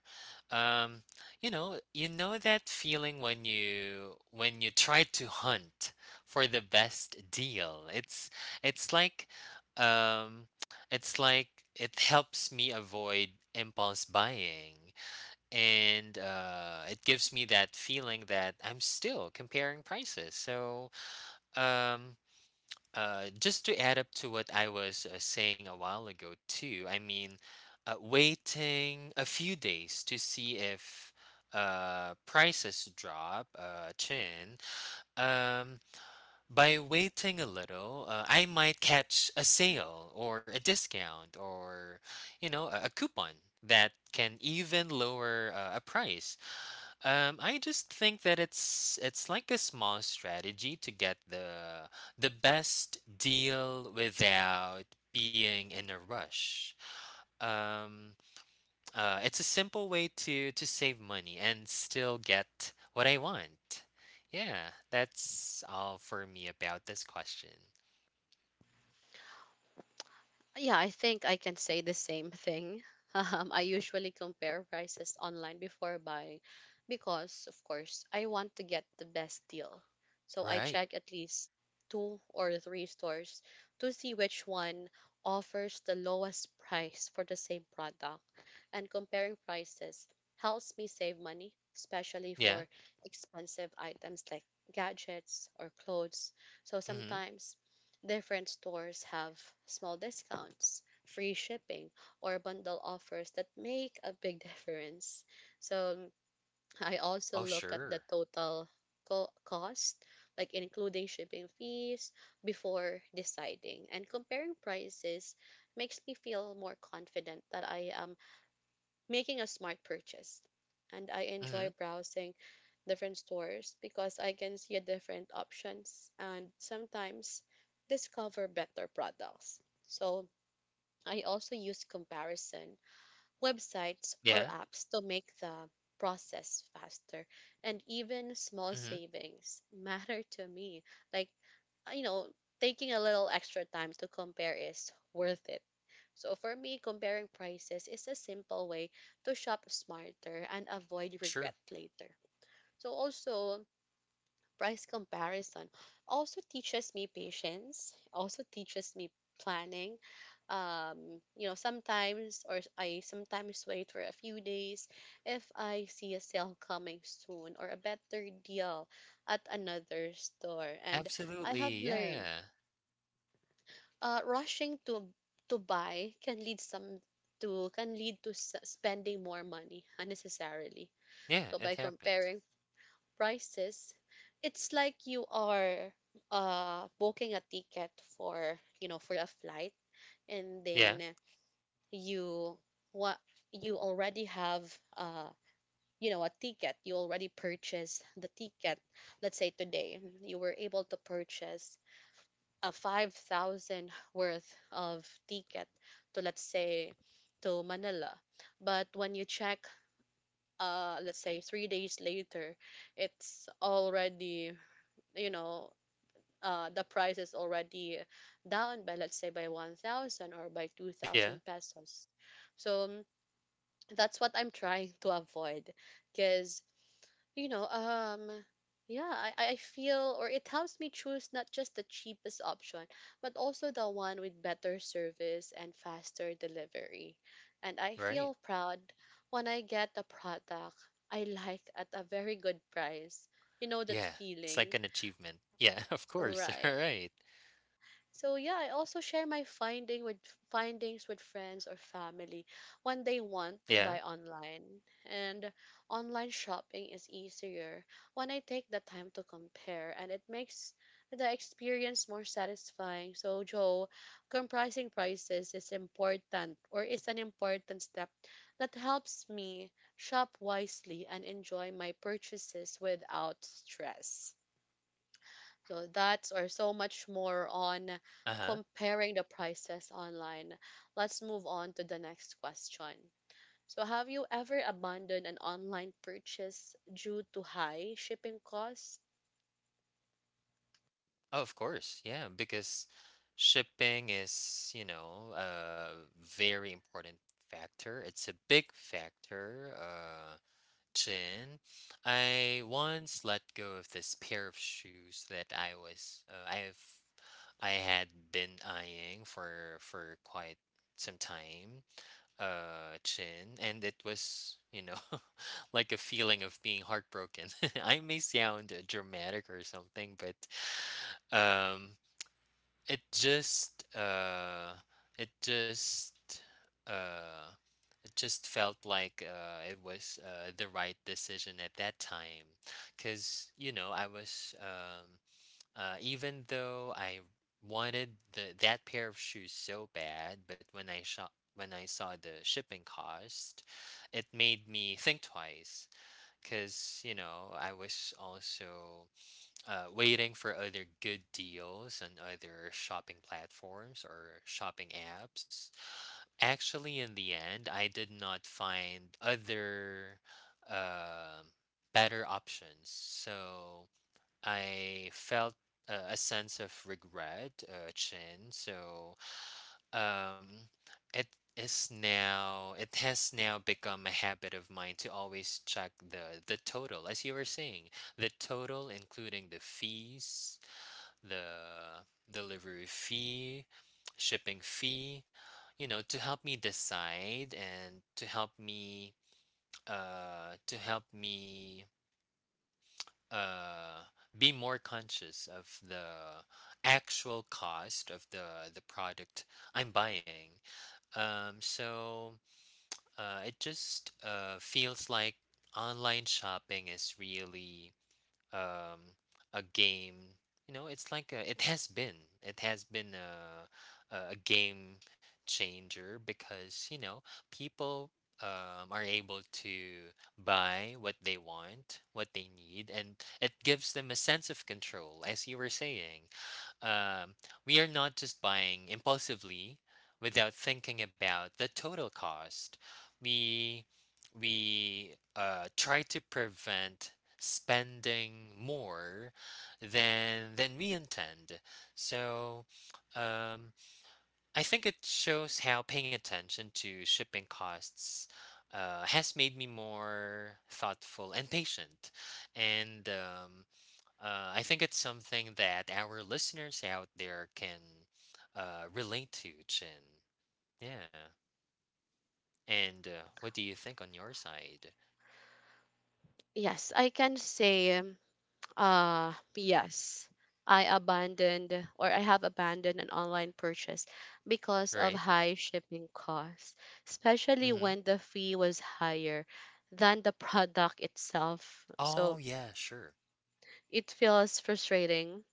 [SPEAKER 2] Um, you know that feeling when you try to hunt for the best deal. It's like, um, it's like it helps me avoid impulse buying, and it gives me that feeling that I'm still comparing prices. So, um, just to add up to what I was saying a while ago, too, waiting a few days to see if prices drop, chin. Um, by waiting a little, I might catch a sale or a discount or, a coupon that can even lower a price. I just think that it's like a small strategy to get the best deal without being in a rush. Um, it's a simple way to save money and still get what I want. Yeah, that's all for me about this question.
[SPEAKER 1] Yeah, I think I can say the same thing. [LAUGHS] I usually compare prices online before buying because, of course, I want to get the best deal. So I
[SPEAKER 2] Right.
[SPEAKER 1] check at least two or three stores to see which one offers the lowest price for the same product. And comparing prices helps me save money, especially
[SPEAKER 2] Yeah.
[SPEAKER 1] for expensive items like gadgets or clothes. So
[SPEAKER 2] Mm-hmm.
[SPEAKER 1] sometimes different stores have small discounts, free shipping, or bundle offers that make a big difference. So I also
[SPEAKER 2] Oh,
[SPEAKER 1] look at the
[SPEAKER 2] sure.
[SPEAKER 1] total cost, like including shipping fees, before deciding. And comparing prices makes me feel more confident that I am making a smart purchase. And I
[SPEAKER 2] Mm-hmm.
[SPEAKER 1] enjoy browsing different stores because I can see a different options and sometimes discover better products. So I also use comparison websites or
[SPEAKER 2] Yeah.
[SPEAKER 1] apps to make the process faster, and even small
[SPEAKER 2] Mm-hmm.
[SPEAKER 1] savings matter to me. Like, you know, taking a little extra time to compare is worth it. So for me, comparing prices is a simple way to shop smarter and avoid regret
[SPEAKER 2] Sure.
[SPEAKER 1] later. So also price comparison also teaches me patience, also teaches me planning. You know, sometimes or I sometimes wait for a few days if I see a sale coming soon or a better deal at another store. And I have
[SPEAKER 2] Absolutely.
[SPEAKER 1] learned,
[SPEAKER 2] Yeah.
[SPEAKER 1] rushing to buy can lead some to, can lead to spending more money unnecessarily. So
[SPEAKER 2] Yeah,
[SPEAKER 1] by
[SPEAKER 2] it happens.
[SPEAKER 1] comparing prices, it's like you are booking a ticket for, for a flight, and
[SPEAKER 2] Yeah.
[SPEAKER 1] then you, what, you already have, you know, a ticket, you already purchased the ticket. Let's say today you were able to purchase a 5,000 worth of ticket to, let's say, to Manila, but when you check, let's say 3 days later, it's already, you know, the price is already down by, let's say by 1,000 or by
[SPEAKER 2] Yeah.
[SPEAKER 1] 2,000 pesos. So that's what I'm trying to avoid, because you know um yeah, I feel, or it helps me choose not just the cheapest option, but also the one with better service and faster delivery. And I
[SPEAKER 2] Right.
[SPEAKER 1] feel proud when I get a product I like at a very good price, you know, that
[SPEAKER 2] Yeah, it's like
[SPEAKER 1] feeling,
[SPEAKER 2] an achievement. Yeah, [LAUGHS] of course. [LAUGHS] All
[SPEAKER 1] right?
[SPEAKER 2] right.
[SPEAKER 1] So yeah, I also share my findings with friends or family when they want to
[SPEAKER 2] Yeah.
[SPEAKER 1] buy online. And online shopping is easier when I take the time to compare, and it makes the experience more satisfying. So Joe, comprising prices is important, or is an important step that helps me shop wisely and enjoy my purchases without stress. So that's, or so much more on
[SPEAKER 2] Uh-huh.
[SPEAKER 1] comparing the prices online. Let's move on to the next question. So have you ever abandoned an online purchase due to high shipping costs?
[SPEAKER 2] Oh, of course. Yeah, because shipping is, you know, a very important factor. It's a big factor, Chin. I once let go of this pair of shoes that I was I've I had been eyeing for quite some time, Chin, and it was, you know, [LAUGHS] like a feeling of being heartbroken. [LAUGHS] I may sound dramatic or something, but um, it just uh, it just uh, it just felt like, it was the right decision at that time, because you know I was even though I wanted the that pair of shoes so bad, but when I shot when I saw the shipping cost, it made me think twice because you know I was also waiting for other good deals on other shopping platforms or shopping apps. Actually, in the end, I did not find other um better options, so I felt a sense of regret, chin. So, um it is now, it has now become a habit of mine to always check the total, as you were saying, the total including the fees, the delivery fee, shipping fee, you know, to help me decide and to help me, uh to help me uh be more conscious of the actual cost of the product I'm buying. um, so it just feels like online shopping is really, um, a game. You know, it's like a, it has been. It has been a, a game changer because you know people are able to buy what they want, what they need, and it gives them a sense of control. As you were saying, um, we are not just buying impulsively without thinking about the total cost. We we try to prevent spending more than we intend. So, um, I think it shows how paying attention to shipping costs has made me more thoughtful and patient. And I think it's something that our listeners out there can relate to, Chin. Yeah. And what do you think on your side,
[SPEAKER 1] Yes, I can say, yes, I abandoned, or I have abandoned an online purchase because of
[SPEAKER 2] right?
[SPEAKER 1] high shipping costs, especially
[SPEAKER 2] Mm-hmm.
[SPEAKER 1] when the fee was higher than the product itself.
[SPEAKER 2] Oh,
[SPEAKER 1] So
[SPEAKER 2] yeah, sure.
[SPEAKER 1] it feels frustrating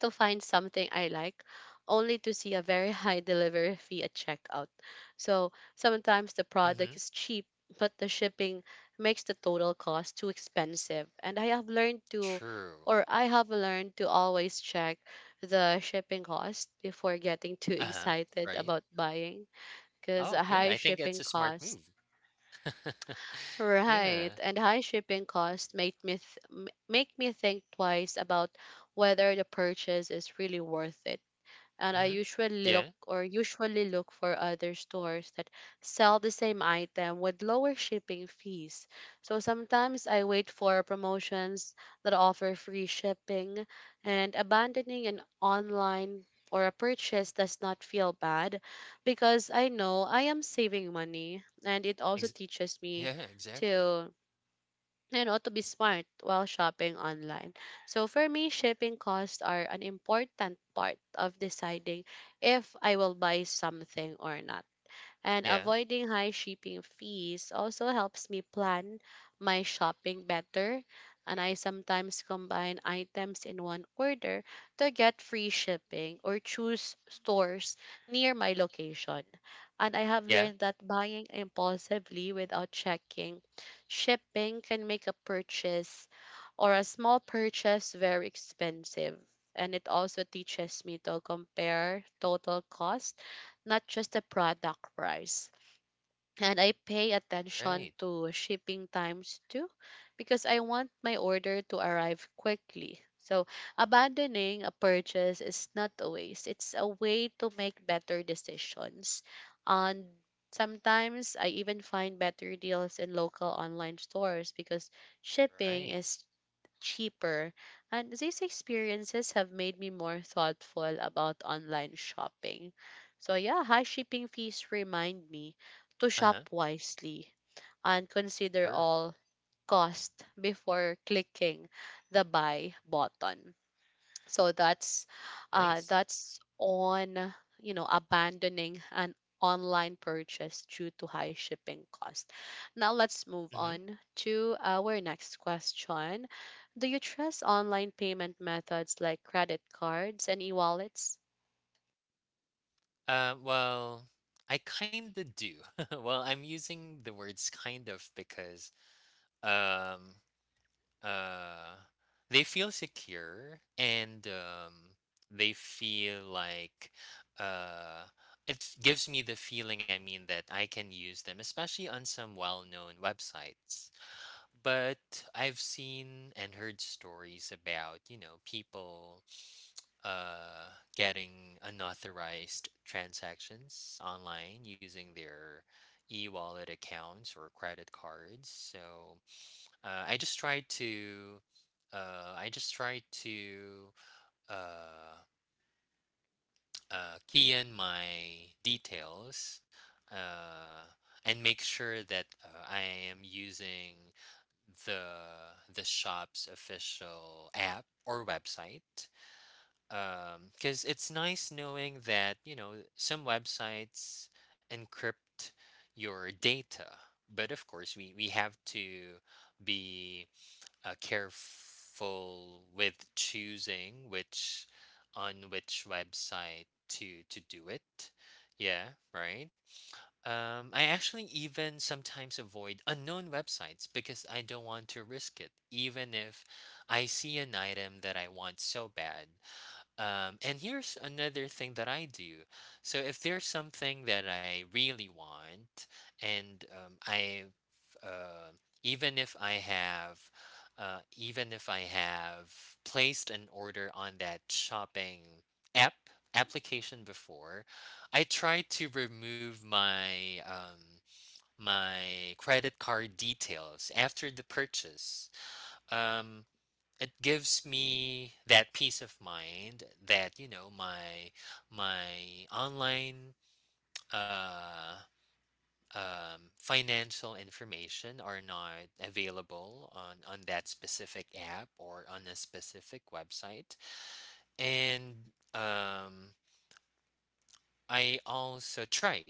[SPEAKER 1] to find something I like only to see a very [LAUGHS] high delivery fee at checkout. So sometimes the product
[SPEAKER 2] Mhm.
[SPEAKER 1] is cheap, but the shipping makes the total cost too expensive. And I have learned to,
[SPEAKER 2] True.
[SPEAKER 1] or I have learned to always check the shipping cost before getting too [LAUGHS]
[SPEAKER 2] Uh-huh.
[SPEAKER 1] excited
[SPEAKER 2] Right?
[SPEAKER 1] about buying because
[SPEAKER 2] Oh,
[SPEAKER 1] a
[SPEAKER 2] yeah, I
[SPEAKER 1] high
[SPEAKER 2] think that's a
[SPEAKER 1] shipping
[SPEAKER 2] smart
[SPEAKER 1] cost.
[SPEAKER 2] move. [LAUGHS]
[SPEAKER 1] Right,
[SPEAKER 2] Yeah.
[SPEAKER 1] and high shipping costs make me make me think twice about whether the purchase is really worth it, and I
[SPEAKER 2] Mhm.
[SPEAKER 1] usually look,
[SPEAKER 2] Yeah.
[SPEAKER 1] or usually look for other stores that sell the same item with lower shipping fees. So sometimes I wait for promotions that offer free shipping, and abandoning an online or a purchase does not feel bad because I know I am saving money, and it also
[SPEAKER 2] Ex
[SPEAKER 1] teaches me
[SPEAKER 2] Yeah, exactly.
[SPEAKER 1] to, you know, to be smart while shopping online. So for me, shipping costs are an important part of deciding if I will buy something or not, and
[SPEAKER 2] Yeah.
[SPEAKER 1] avoiding high shipping fees also helps me plan my shopping better. And I sometimes combine items in one order to get free shipping or choose stores near my location. And I have
[SPEAKER 2] Yeah.
[SPEAKER 1] learned that buying impulsively without checking shipping can make a purchase or a small purchase very expensive. And it also teaches me to compare total cost, not just the product price. And I pay attention
[SPEAKER 2] Right.
[SPEAKER 1] to shipping times too, because I want my order to arrive quickly. So, abandoning a purchase is not a waste, it's a way to make better decisions. And sometimes I even find better deals in local online stores because shipping
[SPEAKER 2] Right.
[SPEAKER 1] is cheaper, and these experiences have made me more thoughtful about online shopping. So, yeah, high shipping fees remind me to
[SPEAKER 2] Uh-huh.
[SPEAKER 1] shop wisely and consider
[SPEAKER 2] Sure.
[SPEAKER 1] all cost before clicking the buy button. So
[SPEAKER 2] Nice.
[SPEAKER 1] that's on abandoning an online purchase due to high shipping cost. Now let's move
[SPEAKER 2] Mhm.
[SPEAKER 1] on to our next question. Do you trust online payment methods like credit cards and e-wallets?
[SPEAKER 2] Well, I kinda do. [LAUGHS] Well, I'm using the words kind of because, um uh they feel secure and they feel like uh it gives me the feeling, that I can use them, especially on some well-known websites. But I've seen and heard stories about, you know, people uh getting unauthorized transactions online using their e-wallet accounts or credit cards. So, uh, I just try to, I just try to uh, key in my details, uh, and make sure that I am using the shop's official app or website. Because it's nice knowing that, you know, some websites encrypt your data, but of course we have to be careful with choosing which, on which website to do it. Yeah, right. I actually even sometimes avoid unknown websites because I don't want to risk it, even if I see an item that I want so bad. And here's another thing that I do. So if there's something that I really want, and I, uh, even if I have, even if I have placed an order on that shopping app application before, I try to remove my my credit card details after the purchase. Um, it gives me that peace of mind that, you know, my online, uh, financial information are not available on that specific app or on a specific website. And I also try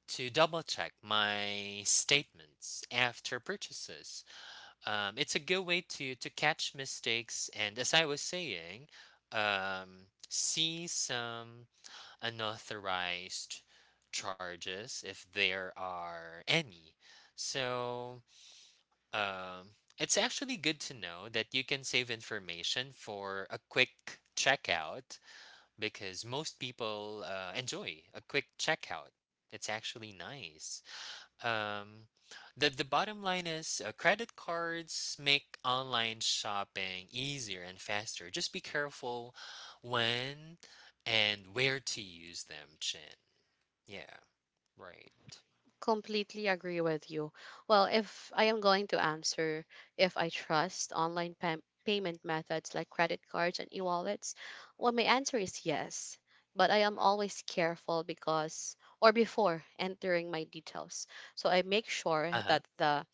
[SPEAKER 2] to double check my statements after purchases. It's a good way to catch mistakes and, as I was saying, see some unauthorized charges if there are any. So, um, it's actually good to know that you can save information for a quick checkout, because most people enjoy a quick checkout. It's actually nice. Um, the bottom line is, credit cards make online shopping easier and faster. Just be careful when and where to use them, Chin. Yeah, right.
[SPEAKER 1] Completely agree with you. Well, if I am going to answer if I trust online payment methods like credit cards and e-wallets, well, my answer is yes. But I am always careful because or before entering my details. So I make sure
[SPEAKER 2] Uh huh.
[SPEAKER 1] that the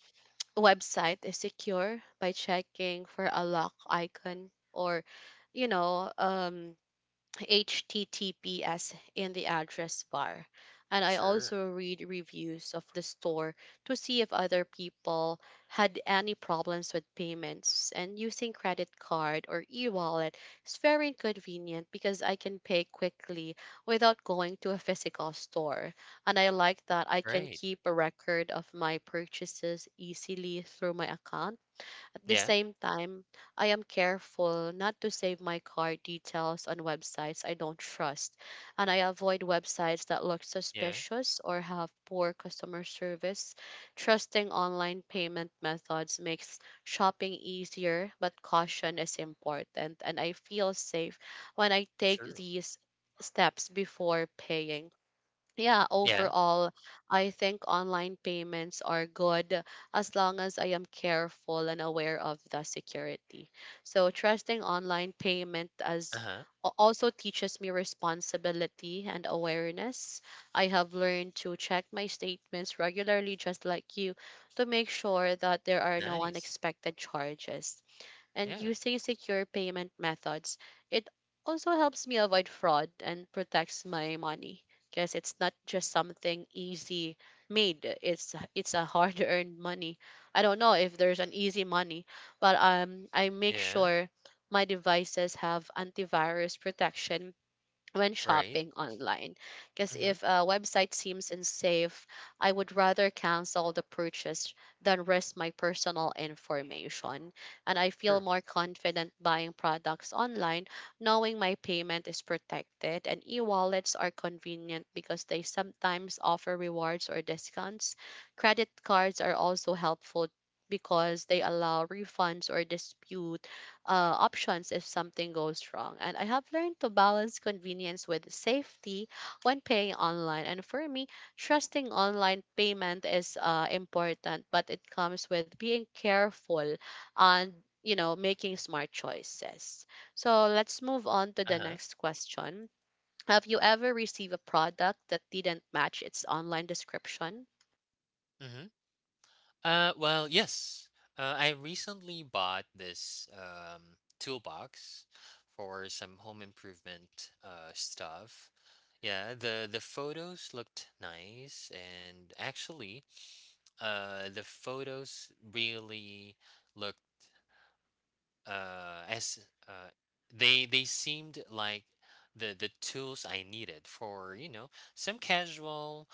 [SPEAKER 1] website is secure by checking for a lock icon or you know, um HTTPS in the address bar. And I
[SPEAKER 2] Sure.
[SPEAKER 1] also read reviews of the store to see if other people had any problems with payments. And using credit card or e wallet is very convenient because I can pay quickly without going to a physical store. And I like that I can
[SPEAKER 2] Right.
[SPEAKER 1] keep a record of my purchases easily through my account. At the
[SPEAKER 2] Yeah.
[SPEAKER 1] same time, I am careful not to save my card details on websites I don't trust, and I avoid websites that look
[SPEAKER 2] Yeah.
[SPEAKER 1] suspicious or have poor customer service. Trusting online payment methods makes shopping easier, but caution is important, and I feel safe when I take
[SPEAKER 2] True.
[SPEAKER 1] these steps before paying. Yeah,
[SPEAKER 2] Yeah.
[SPEAKER 1] overall, I think online payments are good as long as I am careful and aware of the security. So, trusting online payment
[SPEAKER 2] Uh huh.
[SPEAKER 1] also teaches me responsibility and awareness. I have learned to check my statements regularly, just like you, to make sure that there are no
[SPEAKER 2] Nice.
[SPEAKER 1] unexpected charges and
[SPEAKER 2] Yeah.
[SPEAKER 1] using secure payment methods. It also helps me avoid fraud and protects my money, because it's not just something easy made. It's a hard-earned [LAUGHS] money. I don't know if there's an easy money, but I make
[SPEAKER 2] Yeah.
[SPEAKER 1] sure my devices have antivirus protection when
[SPEAKER 2] Right.
[SPEAKER 1] shopping online. Because
[SPEAKER 2] Mm hmm.
[SPEAKER 1] if a website seems unsafe, I would rather cancel the purchase than risk my personal information. And I feel
[SPEAKER 2] True.
[SPEAKER 1] more confident buying products online, knowing my payment is protected. And e wallets are convenient because they sometimes offer rewards or discounts. Credit cards are also helpful because they allow refunds or dispute options if something goes wrong. And I have learned to balance convenience with safety when paying online. And for me, trusting online payment is important, but it comes with being careful and making smart choices. So let's move on to the
[SPEAKER 2] Uh huh.
[SPEAKER 1] next question. Have you ever received a product that didn't match its online description?
[SPEAKER 2] Mm hmm. Well, yes. I recently bought this toolbox for some home improvement stuff. Yeah, the photos looked nice, and actually, the photos really looked as they seemed like the tools I needed for, you know, some casual,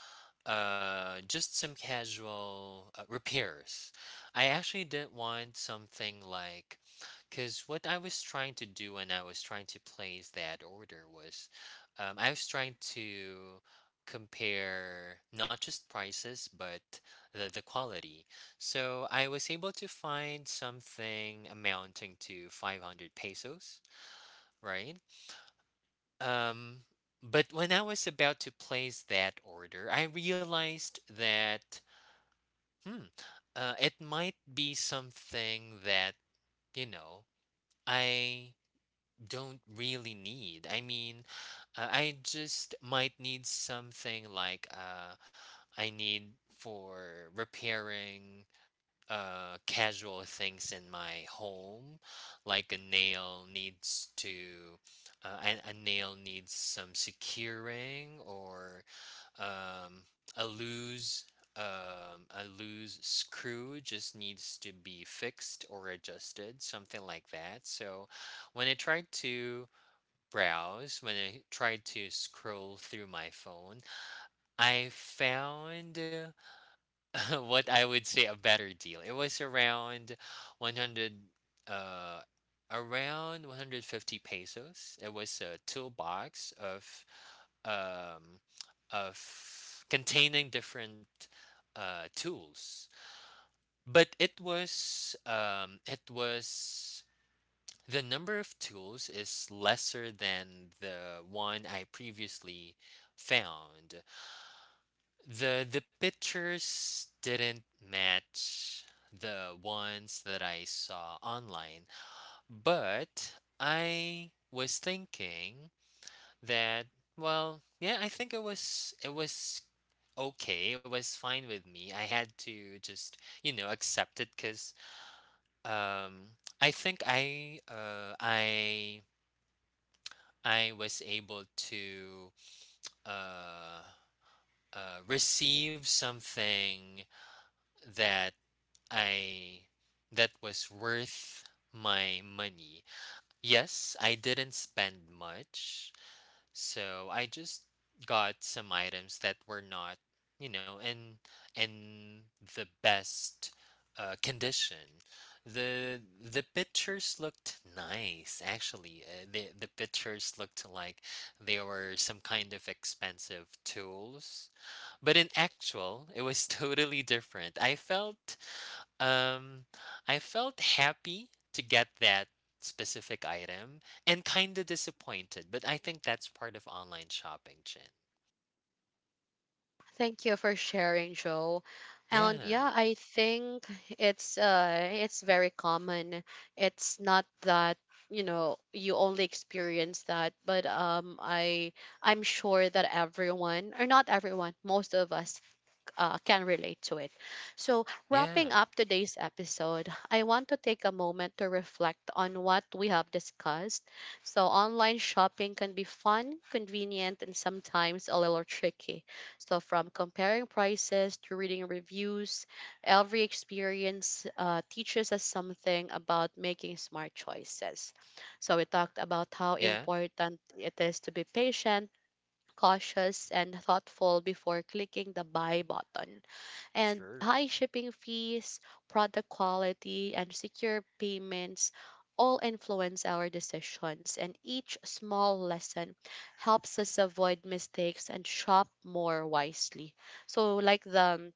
[SPEAKER 2] repairs. I actually didn't want something like, because what I was trying to do when I was trying to place that order was, I was trying to compare not just prices but the quality. So I was able to find something amounting to 500 pesos, right? Um, but when I was about to place that order, I realized that, hmm, it might be something that, you know, I don't really need. I just might need something like, I need for repairing casual things in my home, like a nail needs to, uh, a nail needs some securing, or um, a loose a loose screw just needs to be fixed or adjusted, something like that. So when I tried to browse, when I tried to scroll through my phone, I found, [LAUGHS] what I would say a better deal. It was around 100, uh around 150 pesos. It was a toolbox of, um, of containing different tools. But it was, the number of tools is lesser than the one I previously found. The pictures didn't match the ones that I saw online, but I was thinking that, well, yeah, I think it was, it was okay, it was fine with me. I had to just, you know, accept it because, um I think I was able to uh receive something that I that was worth my money. Yes, I didn't spend much. So I just got some items that were not, you know, in the best condition. The pictures looked nice, actually. The pictures looked like they were some kind of expensive tools, but in actual, it was [LAUGHS] totally different. I felt, um, I felt happy to get that specific item and kind of disappointed, but I think that's part of online shopping, Chin.
[SPEAKER 1] Thank you for sharing, Joe. And
[SPEAKER 2] Yeah,
[SPEAKER 1] yeah, I think it's very common. It's not that, you know, you only experience that, but I I'm sure that everyone or not everyone, most of us can relate to it. So, wrapping
[SPEAKER 2] yeah,
[SPEAKER 1] up today's episode, I want to take a moment to reflect on what we have discussed. So, online shopping can be fun, convenient, and sometimes a little tricky. So, from comparing prices to reading reviews, every experience teaches us something about making smart choices. So, we talked about how
[SPEAKER 2] yeah,
[SPEAKER 1] important it is to be patient. Cautious and thoughtful before clicking the buy button, and
[SPEAKER 2] sure.
[SPEAKER 1] high shipping fees, product quality, and secure payments all influence our decisions, and each small lesson helps us avoid mistakes and shop more wisely. So, like the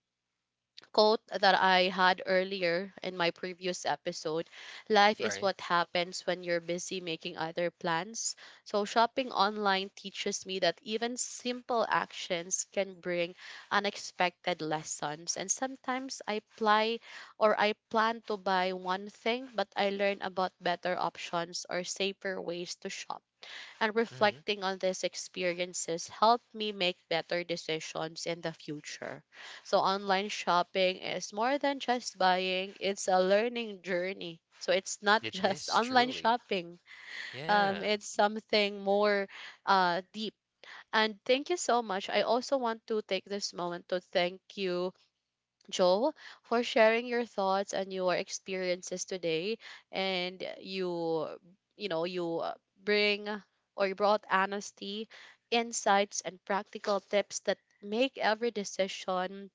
[SPEAKER 1] quote that I had earlier in my previous episode, life is
[SPEAKER 2] Right.
[SPEAKER 1] what happens when you're busy making other plans. So, shopping online teaches me that even simple actions can bring unexpected lessons. And sometimes I apply or I plan to buy one thing, but I learn about better options or safer ways to shop, and
[SPEAKER 2] Hmm.
[SPEAKER 1] reflecting on these experiences helped me make better decisions in the future. So online shopping is more than just buying, it's a learning journey. So it's not
[SPEAKER 2] It
[SPEAKER 1] just [LAUGHS]
[SPEAKER 2] is
[SPEAKER 1] online
[SPEAKER 2] truly.
[SPEAKER 1] shopping.
[SPEAKER 2] Yeah,
[SPEAKER 1] It's something more deep. And thank you so much. I also want to take this moment to thank you Joel, for sharing your thoughts and your experiences today. And you know, you bring or you brought honesty, insights, and practical tips that make every decision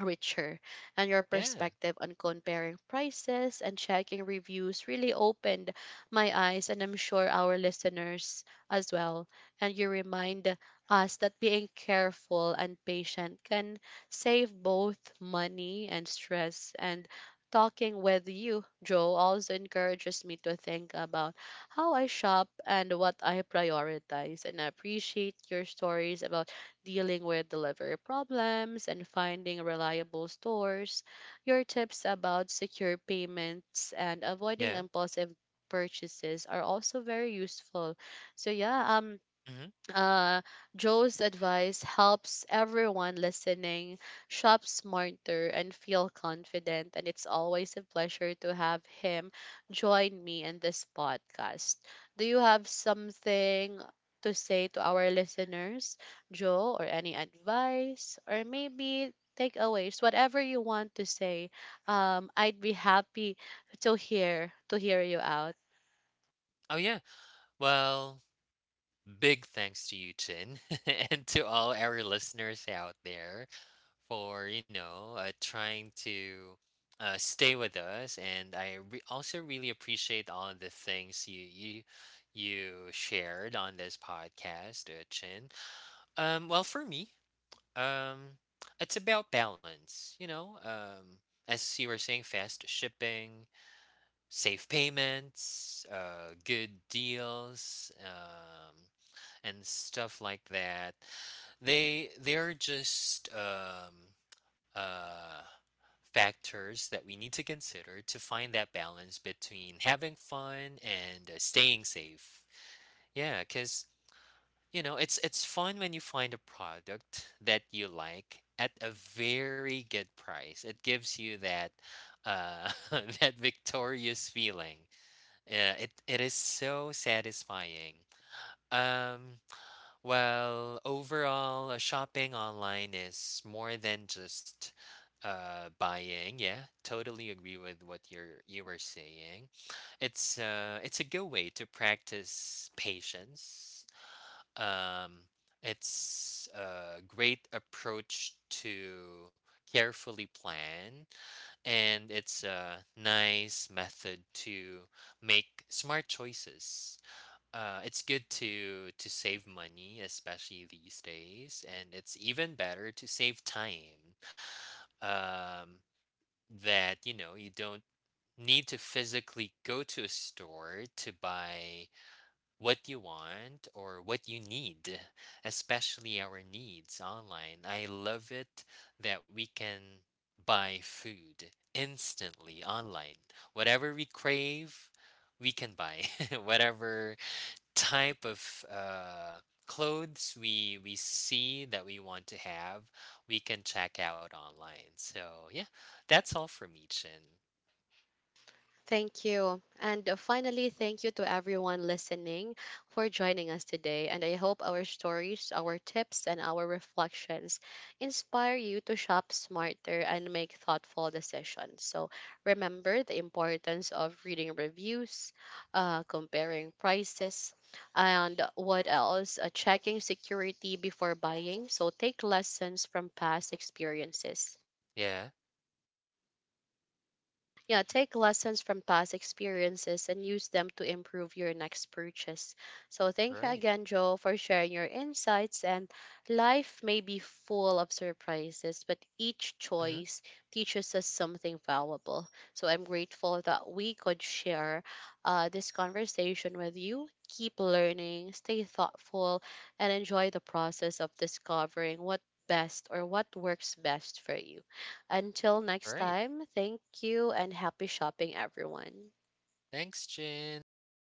[SPEAKER 1] richer, and your
[SPEAKER 2] yeah,
[SPEAKER 1] perspective on comparing prices and checking reviews really opened my eyes, and I'm sure our listeners as well. And you remind us that being careful and patient can save both money and stress, and talking with you Joe also encourages me to think about how I shop and what I prioritize, and I appreciate your stories about dealing with delivery problems, and finding reliable stores. Your tips about secure payments and avoiding
[SPEAKER 2] yeah.
[SPEAKER 1] impulsive purchases are also very useful. So yeah,
[SPEAKER 2] Hmm.
[SPEAKER 1] uh, Joe's advice helps everyone listening shop smarter and feel confident. And it's always a pleasure to have him join me in this podcast. Do you have something to say to our listeners, Joe, or any advice, or maybe takeaways, whatever you want to say? I'd be happy to hear you out.
[SPEAKER 2] Oh, yeah. Well, big thanks to you, Chin, [LAUGHS] and to all our listeners out there, for, you know, trying to stay with us. And also really appreciate all the things you shared on this podcast, Chin. Well, for me, um it's about balance, you know. As you were saying, fast shipping, safe payments, good deals, and stuff like that, they're just, uh, factors that we need to consider to find that balance between having fun and staying safe. Yeah, because you know it's fun when you find a product that you like at a very good price. It gives you that [LAUGHS] that victorious feeling. It is so satisfying. Um, well, overall, shopping online is more than just buying. Yeah, totally agree with what you were saying. It's a good way to practice patience. Um, it's a great approach to carefully plan, and it's a nice method to make smart choices. It's good to save money, especially these days, and it's even better to save time. Um, that, you know, you don't need to physically go to a store to buy what you want or what you need, especially our needs online. I love it that we can buy food instantly online. Whatever we crave, we can buy. [LAUGHS] Whatever type of, clothes we see that we want to have, we can check out online. So yeah, that's all from me, Chin.
[SPEAKER 1] Thank you. And finally, thank you to everyone listening for joining us today. And I hope our stories, our tips, and our reflections inspire you to shop smarter and make thoughtful decisions. So remember the importance of reading reviews, comparing prices, and what else? Checking security before buying. So take lessons from past experiences.
[SPEAKER 2] Yeah,
[SPEAKER 1] Yeah, take lessons from past experiences and use them to improve your next purchase. So, thank you
[SPEAKER 2] right.
[SPEAKER 1] again, Joe, for sharing your insights. And life may be full of surprises, but each
[SPEAKER 2] Mm-hmm.
[SPEAKER 1] choice teaches us something valuable. So, I'm grateful that we could share this conversation with you. Keep learning, stay thoughtful, and enjoy the process of discovering what best or what works best for you. Until
[SPEAKER 2] All
[SPEAKER 1] next
[SPEAKER 2] right.
[SPEAKER 1] time, thank you and happy shopping, everyone.
[SPEAKER 2] Thanks, Jin. Bye, guys.